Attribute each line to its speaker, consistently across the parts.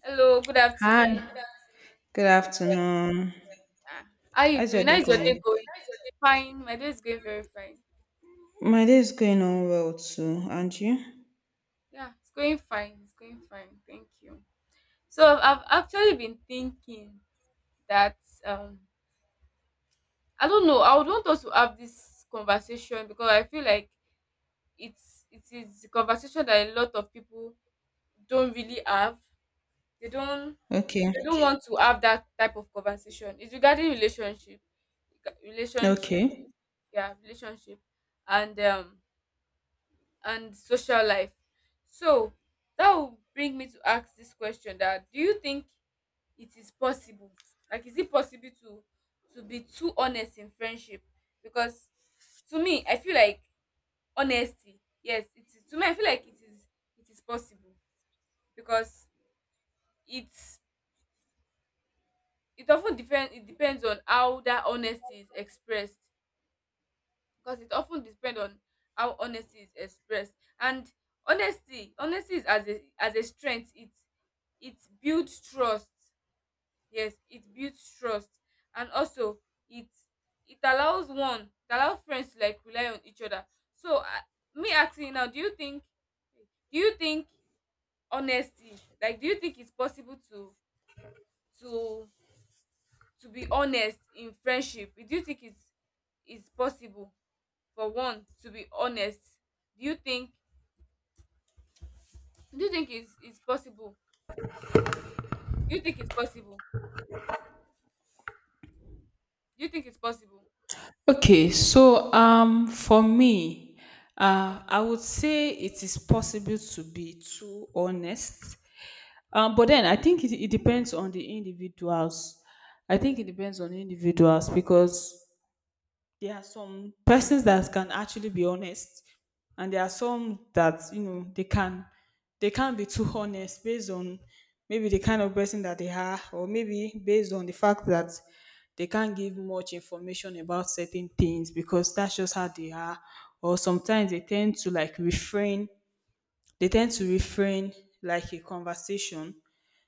Speaker 1: Hello, good
Speaker 2: Hi,
Speaker 1: afternoon.
Speaker 2: good afternoon.
Speaker 1: Ah, How you
Speaker 2: How's your
Speaker 1: doing? How
Speaker 2: day
Speaker 1: is your day
Speaker 2: going?
Speaker 1: going? Fine, my day is going very fine.
Speaker 2: My day is going on well too, and you?
Speaker 1: Yeah, it's going fine. It's going fine. Thank you. So I've actually been thinking that I don't know. I would want us to have this conversation because I feel like it is a conversation that a lot of people don't really have. They don't they
Speaker 2: Okay,
Speaker 1: don't want to have that type of conversation. It's regarding relationship, relationship,
Speaker 2: okay.
Speaker 1: yeah, and um and social life. So that will bring me to ask this question that do you think it is possible? Like is it possible to be too honest in friendship? Because to me, I feel like honesty, yes, it is. To me, I feel like it is possible, because it's it depends on how that honesty is expressed, because it often depends on how honesty is expressed. And honesty is as a strength. It builds trust. Yes, it builds trust. And also it it allows one it allows friends to like rely on each other. So me asking you now, do you think, do you think honesty, like, do you think it's possible to to to be honest in friendship? Do you think it's possible for one to be honest? Do you think, it's possible? Do you think it's possible? Do you think it's possible?
Speaker 2: Okay, so for me, I would say it is possible to be too honest. But then I think it depends on the individuals. I think it depends on individuals because there are some persons that can actually be honest, and there are some that you know they can they can't be too honest based on maybe the kind of person that they are, or maybe based on the fact that they can't give much information about certain things because that's just how they are, or sometimes they tend to like refrain, they tend to refrain like a conversation,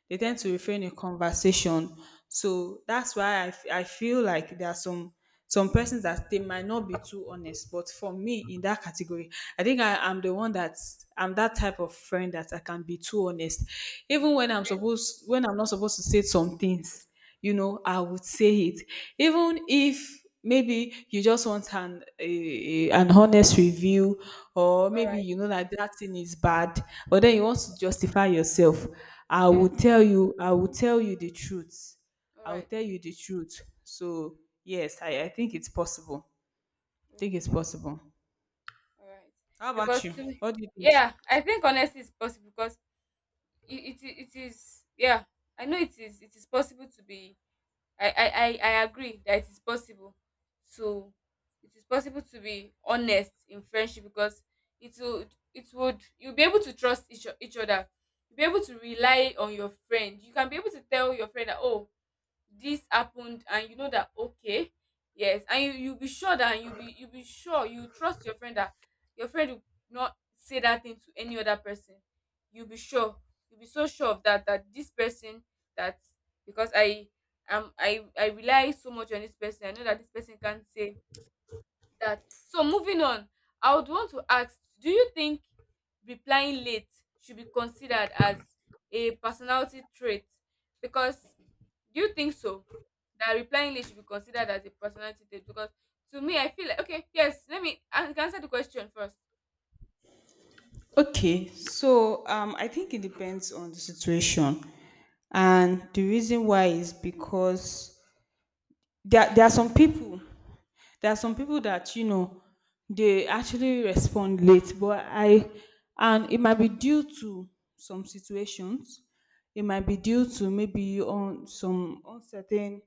Speaker 2: they tend
Speaker 1: Yeah.
Speaker 2: to refrain in conversation. So that's why I feel like there are some persons that they might not be too honest. But for me, in that category, I think I am the one that I'm that type of friend that I can be too honest, even when I'm
Speaker 1: Okay.
Speaker 2: supposed when I'm not supposed to say some things, you know, I would say it. Even if maybe you just want an honest review, or
Speaker 1: All
Speaker 2: maybe
Speaker 1: right.
Speaker 2: you know that that thing is bad, but then you want to justify yourself, I will
Speaker 1: Yes.
Speaker 2: tell you, I will tell you the truth.
Speaker 1: All
Speaker 2: I will
Speaker 1: right.
Speaker 2: tell you the truth. So yes, I think it's possible. I think it's
Speaker 1: Okay.
Speaker 2: possible.
Speaker 1: All right.
Speaker 2: How about
Speaker 1: Because
Speaker 2: you?
Speaker 1: to me,
Speaker 2: What do you think?
Speaker 1: yeah, I think honesty is possible because it is, yeah. I know it is possible to be. I agree that it is possible to it is possible to be honest in friendship because it would it would you'll be able to trust each other. You'll be able to rely on your friend. You can be able to tell your friend that, oh, this happened, and you know that, okay, yes. And you be sure that you be sure. You trust your friend, that your friend will not say that thing to any other person. You be sure. You be so sure of that, that this person, that, because I am, I rely so much on this person. I know that this person can't say that. So moving on, I would want to ask, do you think replying late should be considered as a personality trait? Because do you think so? That replying late should be considered as a personality trait? Because to me, I feel like, okay, yes, let me, I answer the question first.
Speaker 2: Okay, so I think it depends on the situation, and the reason why is because there are some people, that you know they actually respond late, but I and it might be due to some situations. It might be due to maybe on some uncertain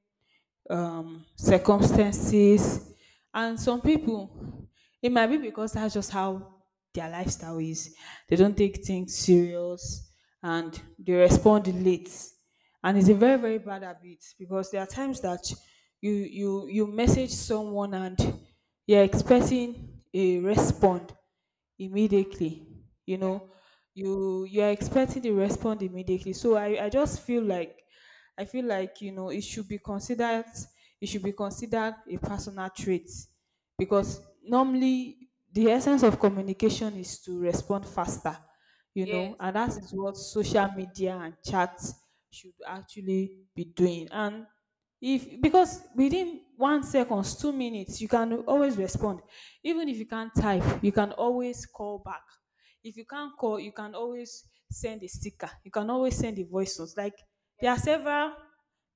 Speaker 2: circumstances. And some people, it might be because that's just how their lifestyle is. They don't take things serious and they respond late. And it's a very, very bad habit because there are times that you message someone and you're expecting a response immediately, you
Speaker 1: Yeah.
Speaker 2: know, you are expecting to respond immediately. So I just feel like I feel like, you know, it should be considered, it should be considered a personal trait, because normally the essence of communication is to respond faster, you know,
Speaker 1: Yes,
Speaker 2: and that
Speaker 1: true.
Speaker 2: is what social media and chats should actually be doing. And if because within one seconds, two minutes, you can always respond. Even if you can't type, you can always call back. If you can't call, you can always send a sticker. You can always send a voice note. Like there
Speaker 1: Yeah,
Speaker 2: are several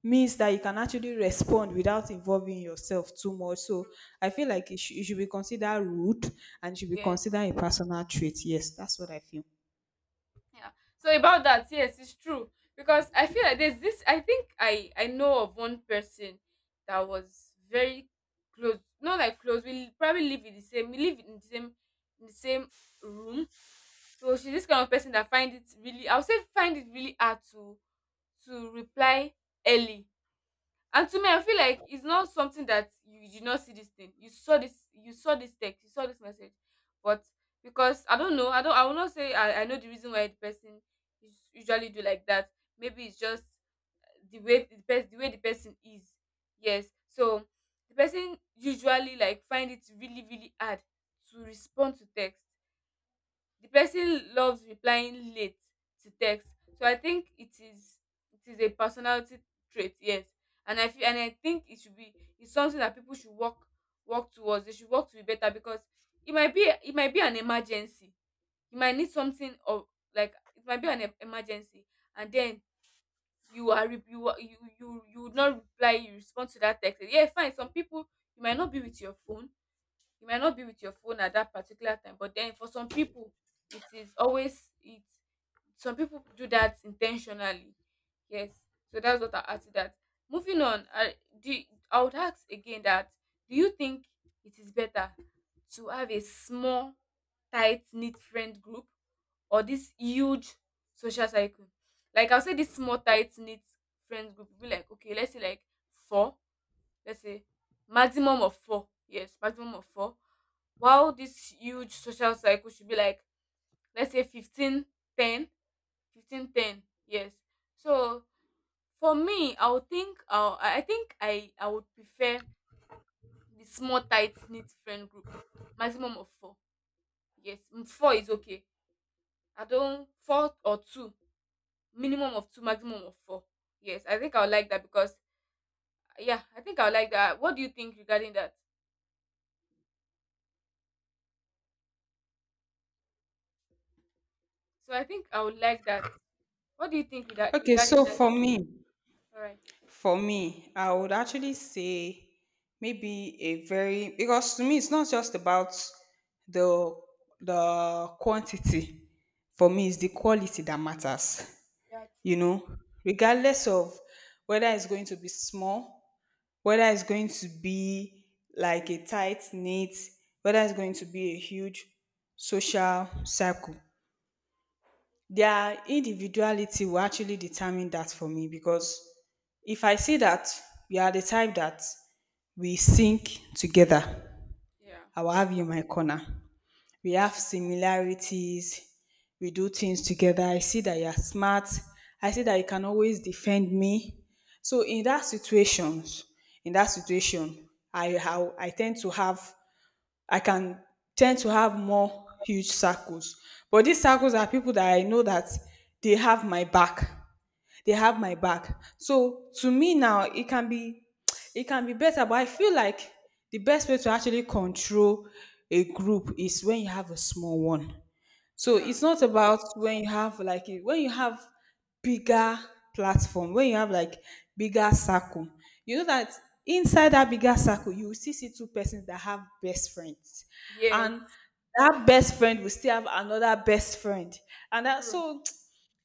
Speaker 2: means that you can actually respond without involving yourself too much. So I feel like it should be considered rude and should be
Speaker 1: yes.
Speaker 2: considered a personal trait. Yes, that's what I feel.
Speaker 1: Yeah. So about that, yes, it's true, because I feel like there's this, I think I know of one person that was very close, not like close. We probably live in the same, we live in the same room. So she's this kind of person that find it really, I would say find it really hard to reply early. And to me, I feel like it's not something that, you did not see this thing. You saw this, you saw this text, you saw this message. But because I don't know, I will not say I know the reason why the person is usually do like that. Maybe it's just the way the person, is. Yes. So the person usually like find it really, really hard to respond to text. The person loves replying late to text. So I think it is, it is a personality trait, yes. And I feel, and I think it should be, it's something that people should work, towards. They should work to be better, because it might be, it might be an emergency. You might need something of, like, it might be an emergency, and then you are you are, you would not reply, you respond to that text. Yeah, fine, some people, you might not be with your phone, you might not be with your phone at that particular time, but then for some people, it is always it, some people do that intentionally. Yes. So that's what I asked you. That moving on, I do you- I would ask again, that do you think it is better to have a small tight knit friend group or this huge social cycle? Like I'll say this small tight knit friend group will be like, okay, let's say like four, let's say maximum of four. Yes, maximum of four. While this huge social cycle should be like, let's say 15 10 15 10, yes. So for me, I would think, I think I would prefer the small tight knit friend group, maximum of four. Yes, four is okay. I don't, four or two. Minimum of two, maximum of four. Yes, I think I would like that, because yeah, I think I would like that. What do you think regarding that? So I think I would like that. What do you think with that,
Speaker 2: Okay,
Speaker 1: regarding
Speaker 2: so
Speaker 1: that? All right.
Speaker 2: for me, I would actually say maybe a very because to me it's not just about the the quantity. For me, it's
Speaker 1: Mm-hmm.
Speaker 2: the quality that matters.
Speaker 1: Yeah, true.
Speaker 2: You know, regardless of whether it's going to be small, whether it's going to be like a tight knit, whether it's going to be a huge social circle, their individuality will actually determine that for me, because if I see that we are the type that we sink together,
Speaker 1: Yeah.
Speaker 2: I will have you in my corner. We have similarities, we do things together. I see that you are smart, I see that you can always defend me. So
Speaker 1: Mm-hmm.
Speaker 2: in that situation, I how I tend to have I can tend to have more huge circles. But these circles are people that I know that they have my back. They have my back. So to me now, it can be better. But I feel like the best way to actually control a group is when you have a small one. So
Speaker 1: Yeah.
Speaker 2: it's not about when you have like when you have bigger platform, when you have like bigger circle, you know that inside that bigger circle, you will still see two persons that have best friends. And
Speaker 1: Yes,
Speaker 2: that best friend will still have another best friend. And that,
Speaker 1: true.
Speaker 2: so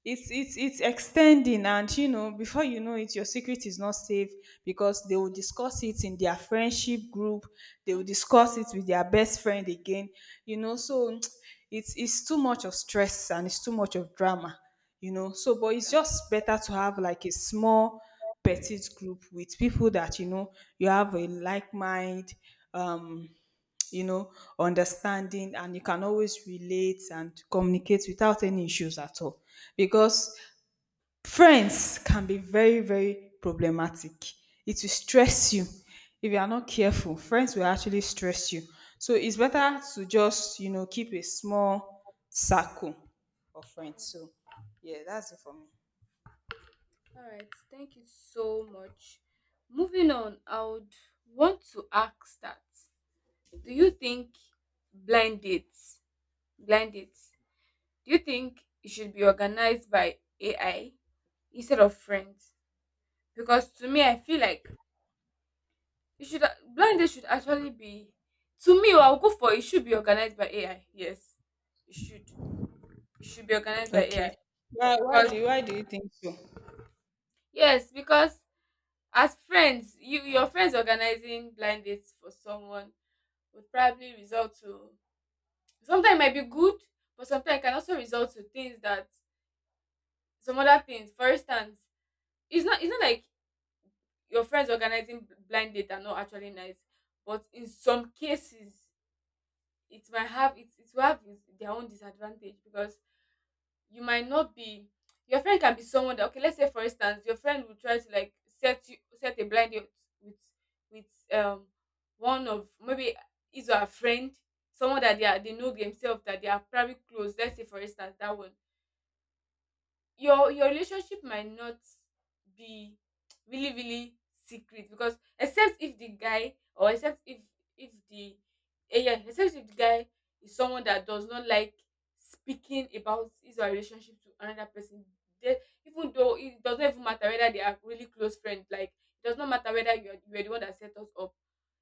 Speaker 2: it's it's extending, and you know before you know it your secret is not safe, because they will discuss it in their friendship group, they will
Speaker 1: Mhm.
Speaker 2: discuss it with their best friend again, you know. So it's too much of stress and it's too much of drama, you know. So but it's just better to have like a small petite group with people that you know you have a like mind, um you know, understanding, and you can always relate and communicate without any issues at all. Because friends can be very, very problematic. It will stress you if you are not careful. Friends will actually stress you. So it's better to just, you know, keep a small circle of friends. So yeah, that's it for me.
Speaker 1: All right. Thank you so much. Moving on, I would want to ask that do you think blind dates, blind dates, do you think it should be organized by AI instead of friends? Because to me, I feel like it should, blind dates should actually be, to me, I'll go for, it should be organized by AI. Yes, it should. It should be organized by
Speaker 2: Okay.
Speaker 1: AI.
Speaker 2: Why
Speaker 1: Because
Speaker 2: do why do you think so?
Speaker 1: yes, because as friends, you, your friends organizing blind dates for someone would probably result to, sometimes it might be good, but sometimes it can also result to things that, some other things. For instance, it's not like your friends organizing blind date are not actually nice, but in some cases it might have it, it will have its, their own disadvantage, because you might not be, your friend can be someone that, okay, let's say for instance your friend will try to like set you, set a blind date with, with um one of, maybe, is or her friend, someone that they are, they know themselves that they are probably close. Let's say for instance that one, your relationship might not be really, really secret, because except if the guy, or except if the yeah except if the guy is someone that does not like speaking about his or her relationship to another person, then, even though it does not even matter whether they are really close friends, like, it does not matter whether you are, the one that set us up,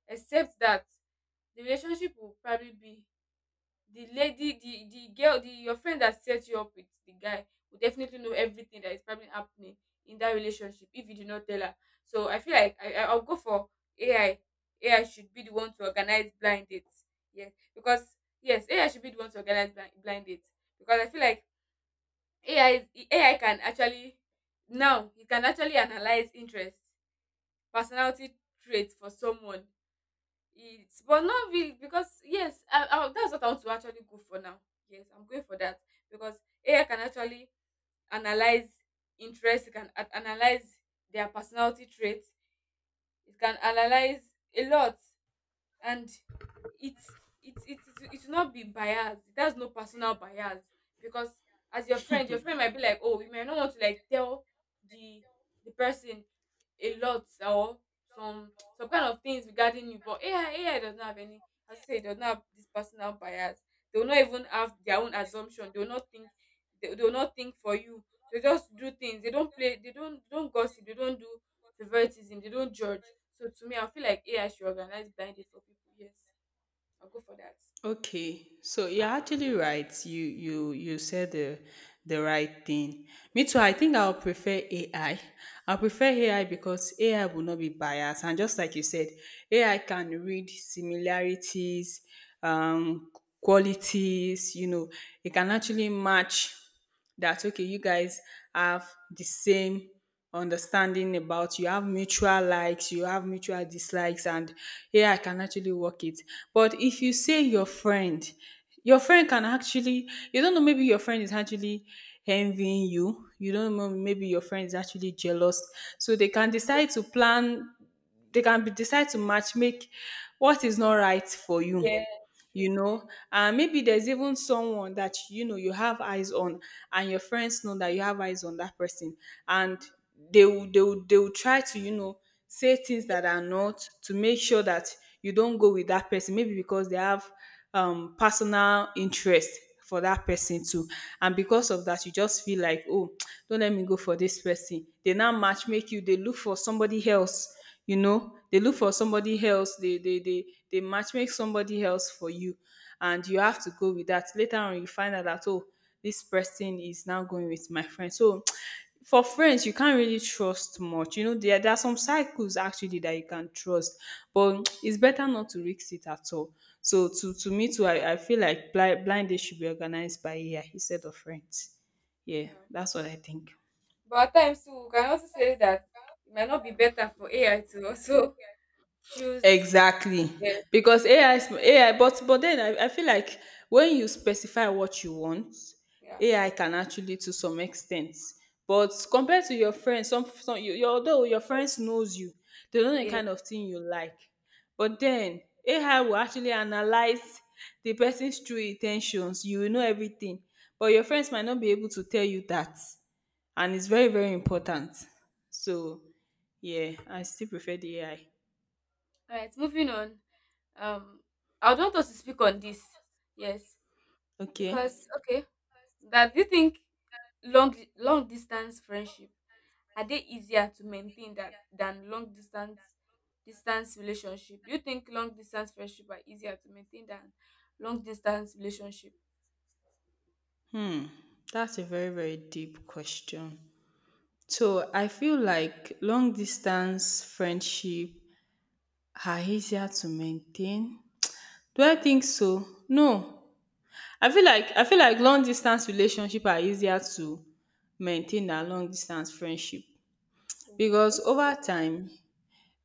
Speaker 1: except that the relationship will probably be, the lady, the girl, the, your friend that set you up with the guy, will definitely know everything that is probably happening in that relationship, if you do not tell her. So I feel like I'll go for AI. AI should be the one to organize blind dates. Yes, because yes, AI should be the one to organize blind dates, because I feel like AI AI can actually now, it can actually analyze interest, personality traits for someone. It's, but not really because yes, that's what I want to actually go for now. Yes, I'm going for that because AI can actually analyze interests, it can analyze their personality traits, it can analyze a lot. And it's it's, it will not be bias, it has no personal bias. Because as your friend, your friend might be like, oh, you might not want to like tell the, person a lot, or some, kind of things regarding you, but AI, does not have any, as I say, it does not have this personal bias. They will not even have their own assumption, they will not think, they will not think for you. They just do things, they don't play, they don't gossip, they don't do favoritism. They don't judge. So to me, I feel like AI should organize blind date for people. Yes, I'll go for that.
Speaker 2: Okay, so you're actually right. You you said the right thing. Me too. I think I'll prefer AI. I prefer AI because AI will not be biased, and just like you said, AI can read similarities, um, qualities. You know, it can actually match that okay you guys have the same understanding about you have mutual likes you have mutual dislikes, and yeah, I can actually work it. But if you say your friend, your friend can actually, you don't know, maybe your friend is actually envying you, you don't know, maybe your friend is actually jealous, so they can decide to plan, they can be decide to match make what is not right for you.
Speaker 1: Yeah, it's true.
Speaker 2: You know, and maybe there's even someone that you know you have eyes on, and your friends know that you have eyes on that person, and they will try to, you know, say things that are not to make sure that you don't go with that person, maybe because they have personal interest for that person too. And because of that you just feel like oh, don't let me go for this person, they now match make you, they look for somebody else. You know, they look for somebody else, they match make somebody else for you, and you have to go with that. Later on you find out that oh, this person is now going with my friend. So for friends you can't really trust much. You know, there are some cycles actually that you can trust, but it's better not to risk it at all. So to me too, I feel like blind date should be organized by year instead of friends. Yeah,
Speaker 1: Yeah.
Speaker 2: that's what I think.
Speaker 1: But at times too, we can also say that it might not be better for AI to also choose.
Speaker 2: Exactly.
Speaker 1: Yes.
Speaker 2: Because AI is AI, but then I feel like when you specify what you want,
Speaker 1: Yeah.
Speaker 2: AI can actually to some extent. But compared to your friends, some you your although your friends knows you, they know the
Speaker 1: Yeah.
Speaker 2: kind of thing you like. But then AI will actually analyze the person's true intentions. You will know everything. But your friends might not be able to tell you that. And it's very, very important. So yeah, I still prefer the AI.
Speaker 1: All right. Moving on. Um, I would want us to speak on this. Yes,
Speaker 2: Okay.
Speaker 1: because okay. That, do you think long distance friendship, are they easier to maintain that than long distance, relationship? Do you think long distance friendship are easier to maintain than long distance relationship?
Speaker 2: Hmm, that's a very, very deep question. So I feel like long distance friendship are easier to maintain. Do I think so? No. I feel like long distance relationship are easier to maintain than long distance friendship, because
Speaker 1: Okay,
Speaker 2: over time,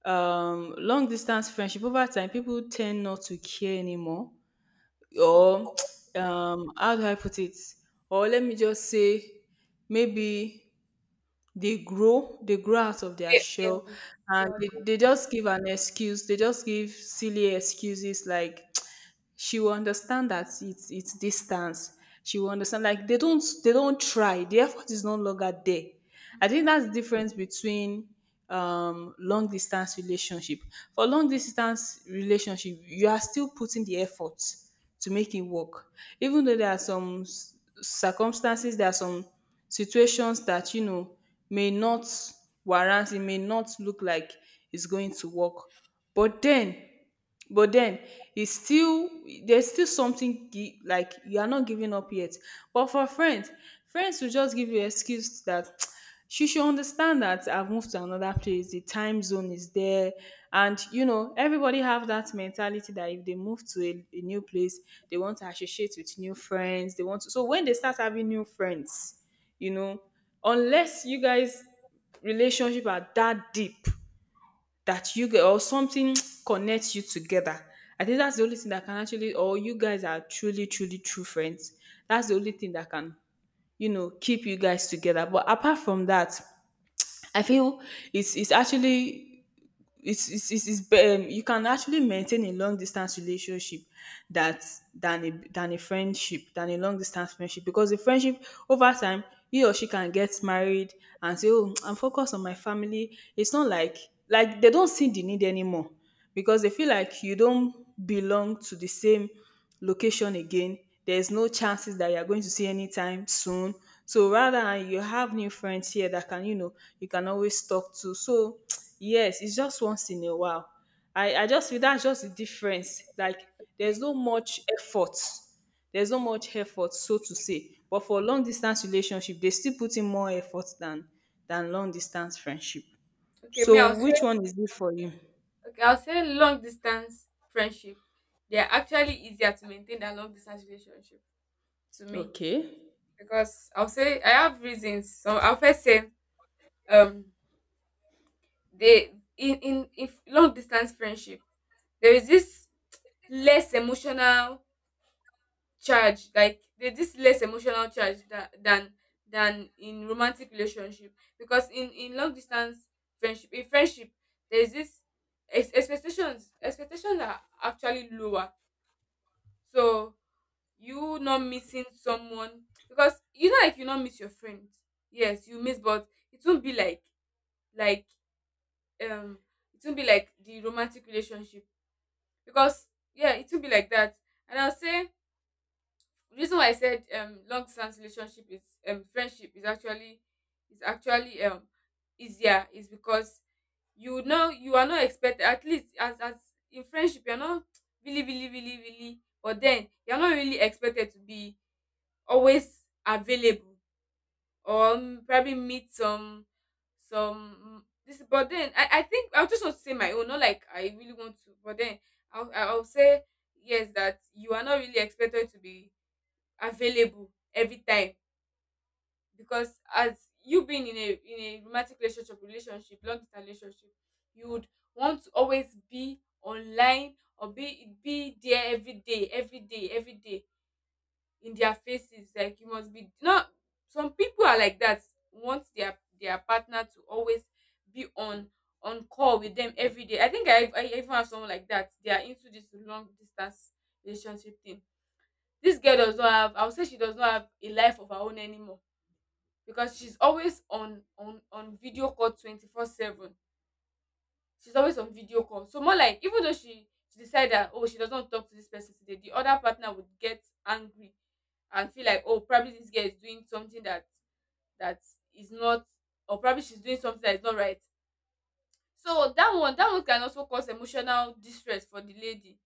Speaker 2: long distance friendship over time people tend not to care anymore,
Speaker 1: true.
Speaker 2: or how do I put it? Or let me just say maybe they grow out of their
Speaker 1: Okay, yes,
Speaker 2: shell,
Speaker 1: yeah,
Speaker 2: and
Speaker 1: I agree.
Speaker 2: they just give an excuse, they just give silly excuses like she will understand that it's distance, she will understand like they don't try, the effort is no longer there. I think
Speaker 1: Mhm.
Speaker 2: that's the difference between long distance relationship. For long distance relationship you are still putting the effort to make it work, even though there are some circumstances, there are some situations that you know may not warrant it, may not look like it's going to work, but then but then it's still there's still something like you are not giving up yet. But for friends, friends will just give you excuse that she should understand that I've moved to another place, the time zone is there, and you know everybody have that mentality that if they move to a new place they want to associate with new friends, they want to, so when they start having new friends you know, unless you guys relationship are that deep, that you get or something connects you together. I think that's the only thing that can actually, or you guys are truly, truly true friends. That's the only thing that can, you know, keep you guys together. But apart from that, I feel it's actually you can actually maintain a long distance relationship that than a friendship, than a long distance friendship, because a friendship over time, he or she can get married and say, oh, I'm focused on my family. It's not like, like they don't see the need anymore because they feel like you don't belong to the same location again. There's no chances that you're going to see anytime soon. So rather, and you have new friends here that can, you know, you can always talk to. So yes, it's just once in a while. I just feel that's just the difference. Like there's
Speaker 1: Okay,
Speaker 2: no much effort. There's no much effort, so to say. But for long distance relationship, they still put in more effort than long distance friendship.
Speaker 1: okay. Me, I'll
Speaker 2: So
Speaker 1: say,
Speaker 2: which one is it for you?
Speaker 1: okay, I'll say long distance friendship. They are actually easier to maintain than long distance relationship, to me,
Speaker 2: Okay.
Speaker 1: because I'll say I have reasons. So I'll first say um they in if long distance friendship there is this less emotional charge, like there's this less emotional charge that than in romantic relationship, because in long distance friendship there's this expectations are actually lower. So you not missing someone, because you know, like you not miss your friend. Yes, you miss, but it won't be like, um it won't be like the romantic relationship, because yeah, it will be like that. And I'll say the reason why I said long distance relationship is, friendship is actually, is actually, easier, is because you know you are not expected, at least as in friendship you're not really really really really, but then you're not really expected to be always available, or probably meet some, this, but then I think I just want to say my own, not like I really want to, but then I'll say yes, that you are not really expected to be available every time. Because as you being in a romantic relationship, long distance relationship, you would want to always be online or be there every day, every day, every day in their faces, like you must be. Not some people are like that, want their partner to always be on call with them every day. I think I even have someone like that. They are into this long distance relationship thing. This girl does not have, I would say she does not have a life of her own anymore, because she's always on video call 24/7. She's always on video call. So more like, even though she decide that, oh, she doesn't want to talk to this person today, the other partner would get angry and feel like, oh, probably this girl is doing something that, that, is not, or probably she's doing something that is not right. So that one can also cause emotional distress for the lady,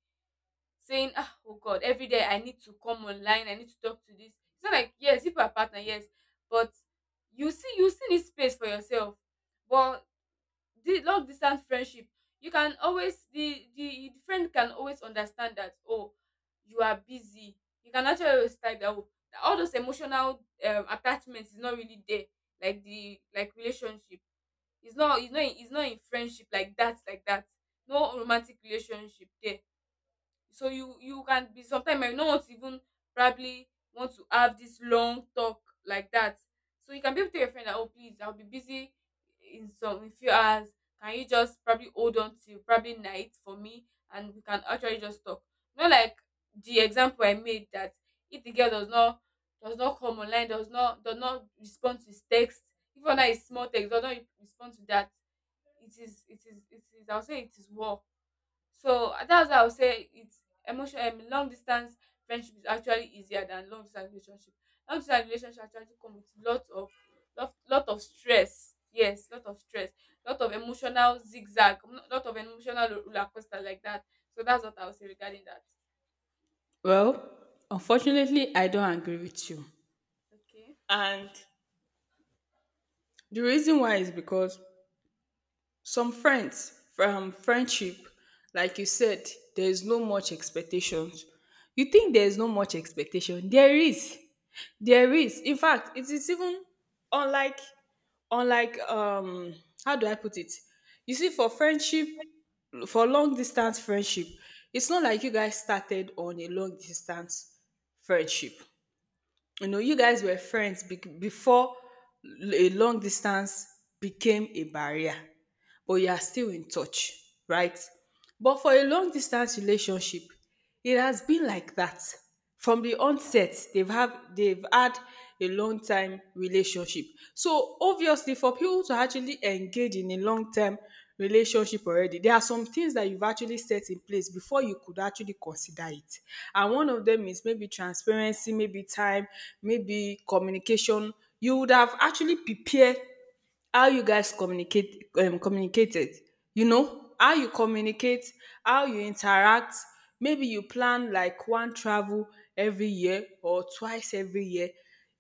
Speaker 1: saying, ah, oh god, every day I need to come online, I need to talk to this. It's not like, yes, if you are a partner, yes, but you see, you still need space for yourself. But the long distance friendship, you can always, the the friend can always understand that, oh, you are busy. You can actually always type that, oh, all those emotional attachment is not really there, like the, like relationship. It's not, it's not in friendship like that, like that. No romantic relationship there. So you can be, sometimes you might not want to even probably want to have this long talk like that. So you can be able to tell your friend that, oh please, I'll be busy in some, in few hours, can you just probably hold on till probably night for me and we can actually just talk? Not like the example I made, that if the girl does not, does not come online, does not respond to his text, even though it's small text, does not respond to that, it is, it is, it is, I'll say it is war. So that's why I would say it's emotion long distance friendship is actually easier than long distance relationship. Long distance relationship actually come with lot of, lot of stress. Yes, lot of stress, lot of emotional zigzag, lot of emotional roller coaster like that. So that's what I would say regarding that.
Speaker 2: Well, unfortunately, I don't agree with you.
Speaker 1: Okay.
Speaker 2: And the reason why is because some friends from friendship, like you said, there is no much expectations. You
Speaker 1: Yeah.
Speaker 2: think there is no much expectation? There is, there is. In fact, it is even unlike, unlike, how do I put it? You see, for friendship, for long distance friendship, it's not like you guys started on a long distance friendship. You know, you guys were friends before a long distance became a barrier, but you are still in touch, right? But for a long distance relationship, it has been like that. From the onset, they've had a long time relationship. So obviously, for people to actually engage in a long term relationship already, there are some things that you've actually set in place before you could actually consider it. And one of them is maybe transparency, maybe time, maybe communication. You would have actually prepared how you guys communicated, you know, how you communicate, how you interact. Maybe you plan like one travel every year or twice every year.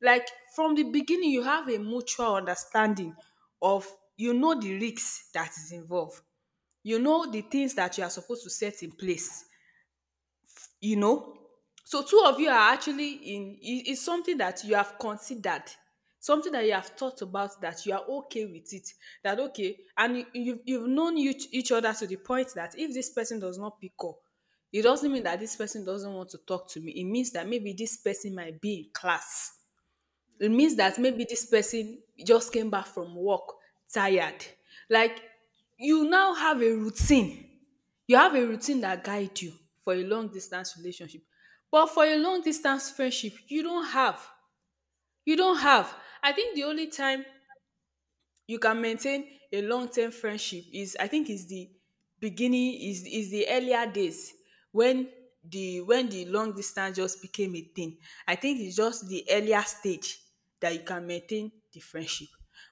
Speaker 2: Like from the beginning, you have a mutual understanding of, you know, the risks that is involved, you know, the things that you are supposed to set in place, you know. So two
Speaker 1: Yeah.
Speaker 2: of you are actually in It is something that you have considered, something that you have thought about, that you are okay with it. That, okay, and you've known each other to the point that if this person does not pick up, it doesn't mean that this person doesn't want to talk to me. It means that maybe this person might be in class. It
Speaker 1: Yeah.
Speaker 2: means that maybe this person just came back from work, tired. Like you now have a routine. You have a routine that guide you for a long distance relationship. But for a long distance friendship, you don't have. You don't have. I think the only time you can maintain a long-term friendship is, I think, is the beginning, is the earlier days, when when the long distance just became a thing. I think it's just the earlier stage that you can maintain the friendship.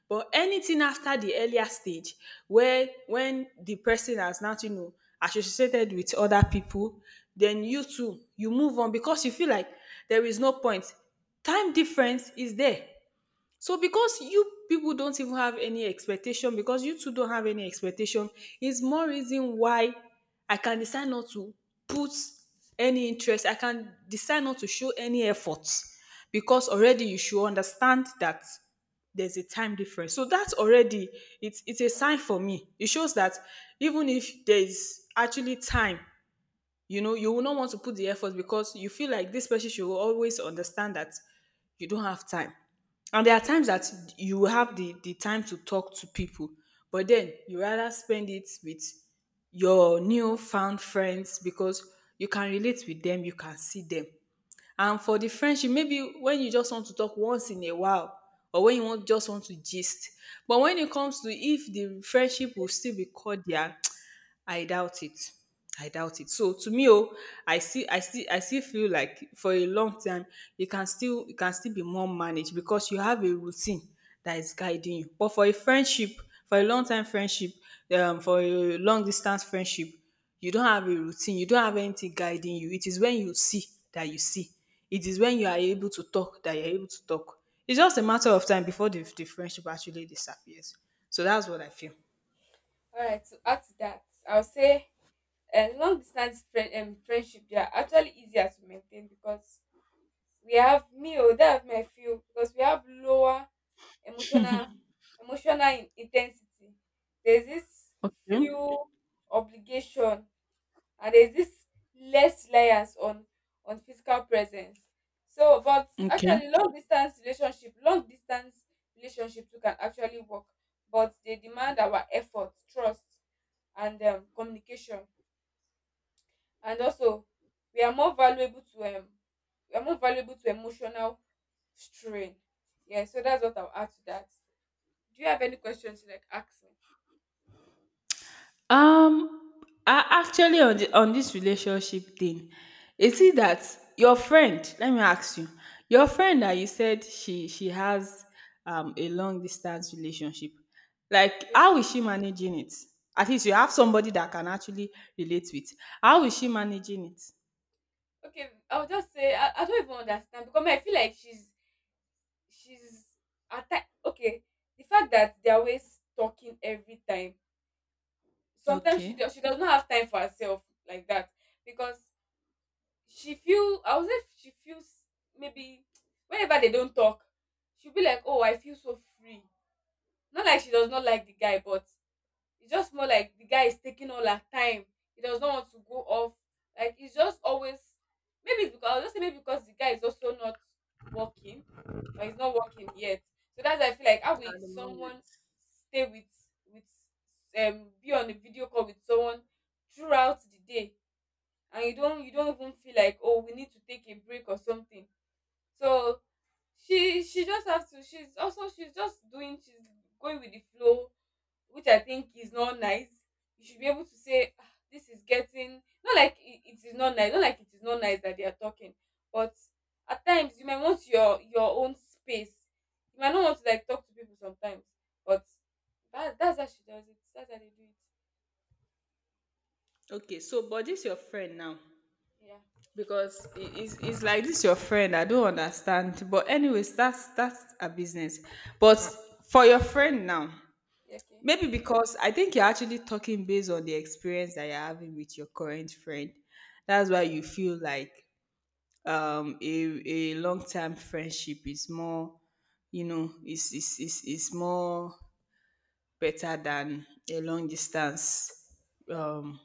Speaker 2: But anything after the earlier stage, where when the person has now, you know, associated with other people, then you too you move on, because you feel like there is no point. Time difference is there. So because you people don't even have any expectation, because you two don't have any expectation, is more reason why I can decide not to put any interest. I can decide not to show any effort, because already you should understand that there's a time difference. So that's already, it's a sign for me. It shows that even if there's actually time, you know, you will not want to put the effort, because you feel like this person should always understand that you don't have time. And there are times that you will have the time to talk to people, but then you rather spend it with your newfound friends, because you can relate with them, you can see them. And for the friendship, maybe when you just want to talk once in a while, or when you want just want to gist. But when it comes to if the friendship will still be cordial, I doubt it. I doubt it. So to me, oh, I see, I still feel like for a long time, you can still, you can still be more managed because you have a routine that is guiding you. But for a friendship, for a long time friendship, for a long distance friendship, you don't have a routine, you don't have anything guiding you. It is when you see that you see. It is when you are able to talk that you're able to talk. It's just a matter of time before the friendship actually disappears. So that's what I feel.
Speaker 1: All right. To add to that, I would say long distance friendship, they are actually easier to maintain, because we have me or that have my feel, because we have lower emotional, emotional in, there's this
Speaker 2: Okay.
Speaker 1: few obligation, and there's this less reliance on physical presence. So, but
Speaker 2: Okay.
Speaker 1: actually long distance relationship, long distance relationship too can actually work, but they demand our effort, trust, and communication, and also we are more valuable to, we are more valuable to emotional strain. Yeah, so that's what I'll add to that. Do you have any questions to like ask me?
Speaker 2: Um, I actually, on on this relationship thing, is it
Speaker 1: Okay.
Speaker 2: that your friend? Let me ask you, your friend that you said she has a long distance relationship, like
Speaker 1: Okay.
Speaker 2: how is she managing it? At least you have somebody that can actually relate with. How is she managing it?
Speaker 1: Okay. I'll just say I don't even understand, because I feel like she's, okay. The fact that they're always talking every time. Sometimes
Speaker 2: Okay,
Speaker 1: she
Speaker 2: at
Speaker 1: does, she does not have time for herself like that. Because she feel, I was, if she feels, maybe whenever they don't talk, she'll be like, oh, I feel so free. Not like she does not like the guy, but it's just more like the guy is taking all her time. He does not want to go off, like it's just always. Maybe it's because, I'll just say maybe because the guy is also not working, or he's not working yet. So that's why I feel like how will
Speaker 2: the moment?
Speaker 1: someone stay with, be on a video call with someone throughout the day, and you don't, you don't even feel like, oh, we need to take a break or something. So she just has to, she's also, she's just doing, she's going with the flow, which I think is not nice. You should be able to say, "Ah, this is getting, not like it is not nice, not like it is not nice that they are talking, but at times you might want your own space. You might not want to like talk to people sometimes, but that, that's how she does it. That's how they do it.
Speaker 2: Okay, so but this your friend now,
Speaker 1: Yeah.
Speaker 2: it's like this your friend, I don't understand, but anyways, that's a business. But for your friend now,
Speaker 1: Yeah, okay.
Speaker 2: maybe because I think you're actually talking based on the experience that you're having with your current friend, that's why
Speaker 1: Yeah.
Speaker 2: you feel like um a, a long-term friendship is more, you know, is more better than a long distance
Speaker 1: Yeah.
Speaker 2: um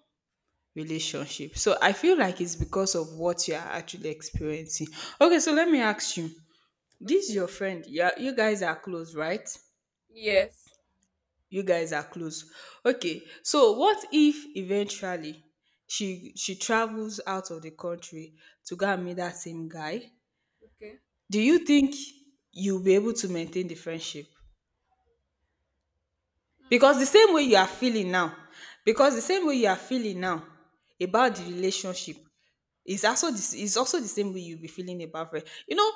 Speaker 2: relationship. So I feel like it's because of what you are actually experiencing. Okay, so let me ask you. This is
Speaker 1: Okay.
Speaker 2: your friend. Yeah, you guys are close, right?
Speaker 1: Yes.
Speaker 2: You guys are close. Okay. So what if eventually she travels out of the country to go and
Speaker 1: Yep,
Speaker 2: meet that same guy?
Speaker 1: okay.
Speaker 2: Do you think you'll be able to maintain the friendship?
Speaker 1: Hmm.
Speaker 2: Because the same way you are feeling now, because the same way you are feeling now about the
Speaker 1: Yes.
Speaker 2: relationship, is also, this is also the same way you'll be feeling about her. You know,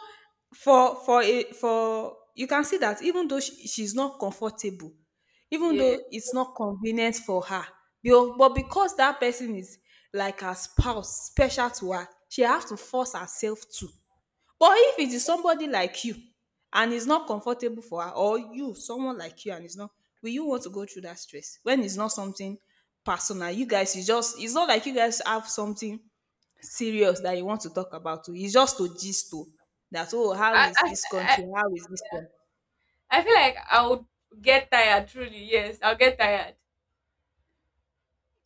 Speaker 2: for a for you can see that even though she's not comfortable, even
Speaker 1: Yeah.
Speaker 2: though it's not convenient for her, but because that person is like a spouse, special to her, she has to force herself to. But if it is somebody like you and it's not comfortable for her, or you, someone like you, and it's not, will you want to go through that stress when it's not something personal? You guys, it's just, it's not like you guys have something serious that you want to talk about. Oh, it's just to gist to that, oh, how
Speaker 1: I,
Speaker 2: is
Speaker 1: I
Speaker 2: this
Speaker 1: I
Speaker 2: country? How is this one?
Speaker 1: I feel like I would get tired. Truly, yes, I'll get tired.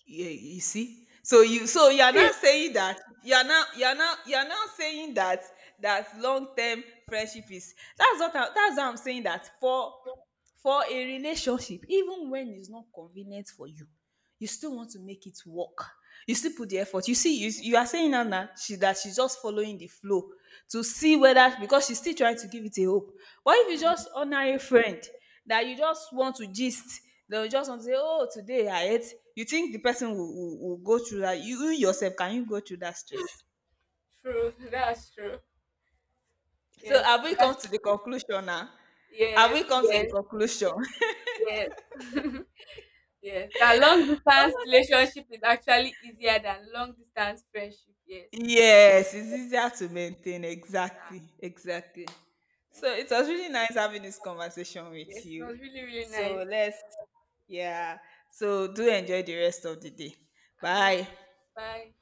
Speaker 2: Yeah, you see. So you, so you're not saying that you're not you're not you're not saying that that long-term friendship is, that's what I, that's how I'm saying, that for a relationship, even when it's not convenient for you, you still want to make it work. You still put the effort. You see, you are saying now that she that she's just following the flow to see whether, because she's still trying to give it a hope. But if you just honor a friend that you just want to gist, they, you just want to say, oh, today I ate, you think the person will go through that? You yourself, can you go through that stress?
Speaker 1: True, that's true.
Speaker 2: So
Speaker 1: Yes,
Speaker 2: have we
Speaker 1: that,
Speaker 2: come to the conclusion now? Have we
Speaker 1: yes,
Speaker 2: come to the
Speaker 1: yes,
Speaker 2: conclusion?
Speaker 1: yes, yes. That long distance relationship is actually easier than long distance friendship. Yes.
Speaker 2: Yes, it's easier to maintain.
Speaker 1: Ah,
Speaker 2: Exactly, exactly.
Speaker 1: thank
Speaker 2: So it
Speaker 1: you.
Speaker 2: was really nice having this conversation with
Speaker 1: Yes, it
Speaker 2: you.
Speaker 1: was really, really nice.
Speaker 2: So let's, yeah, so do enjoy the rest of the day.
Speaker 1: And you
Speaker 2: Bye.
Speaker 1: too. Bye.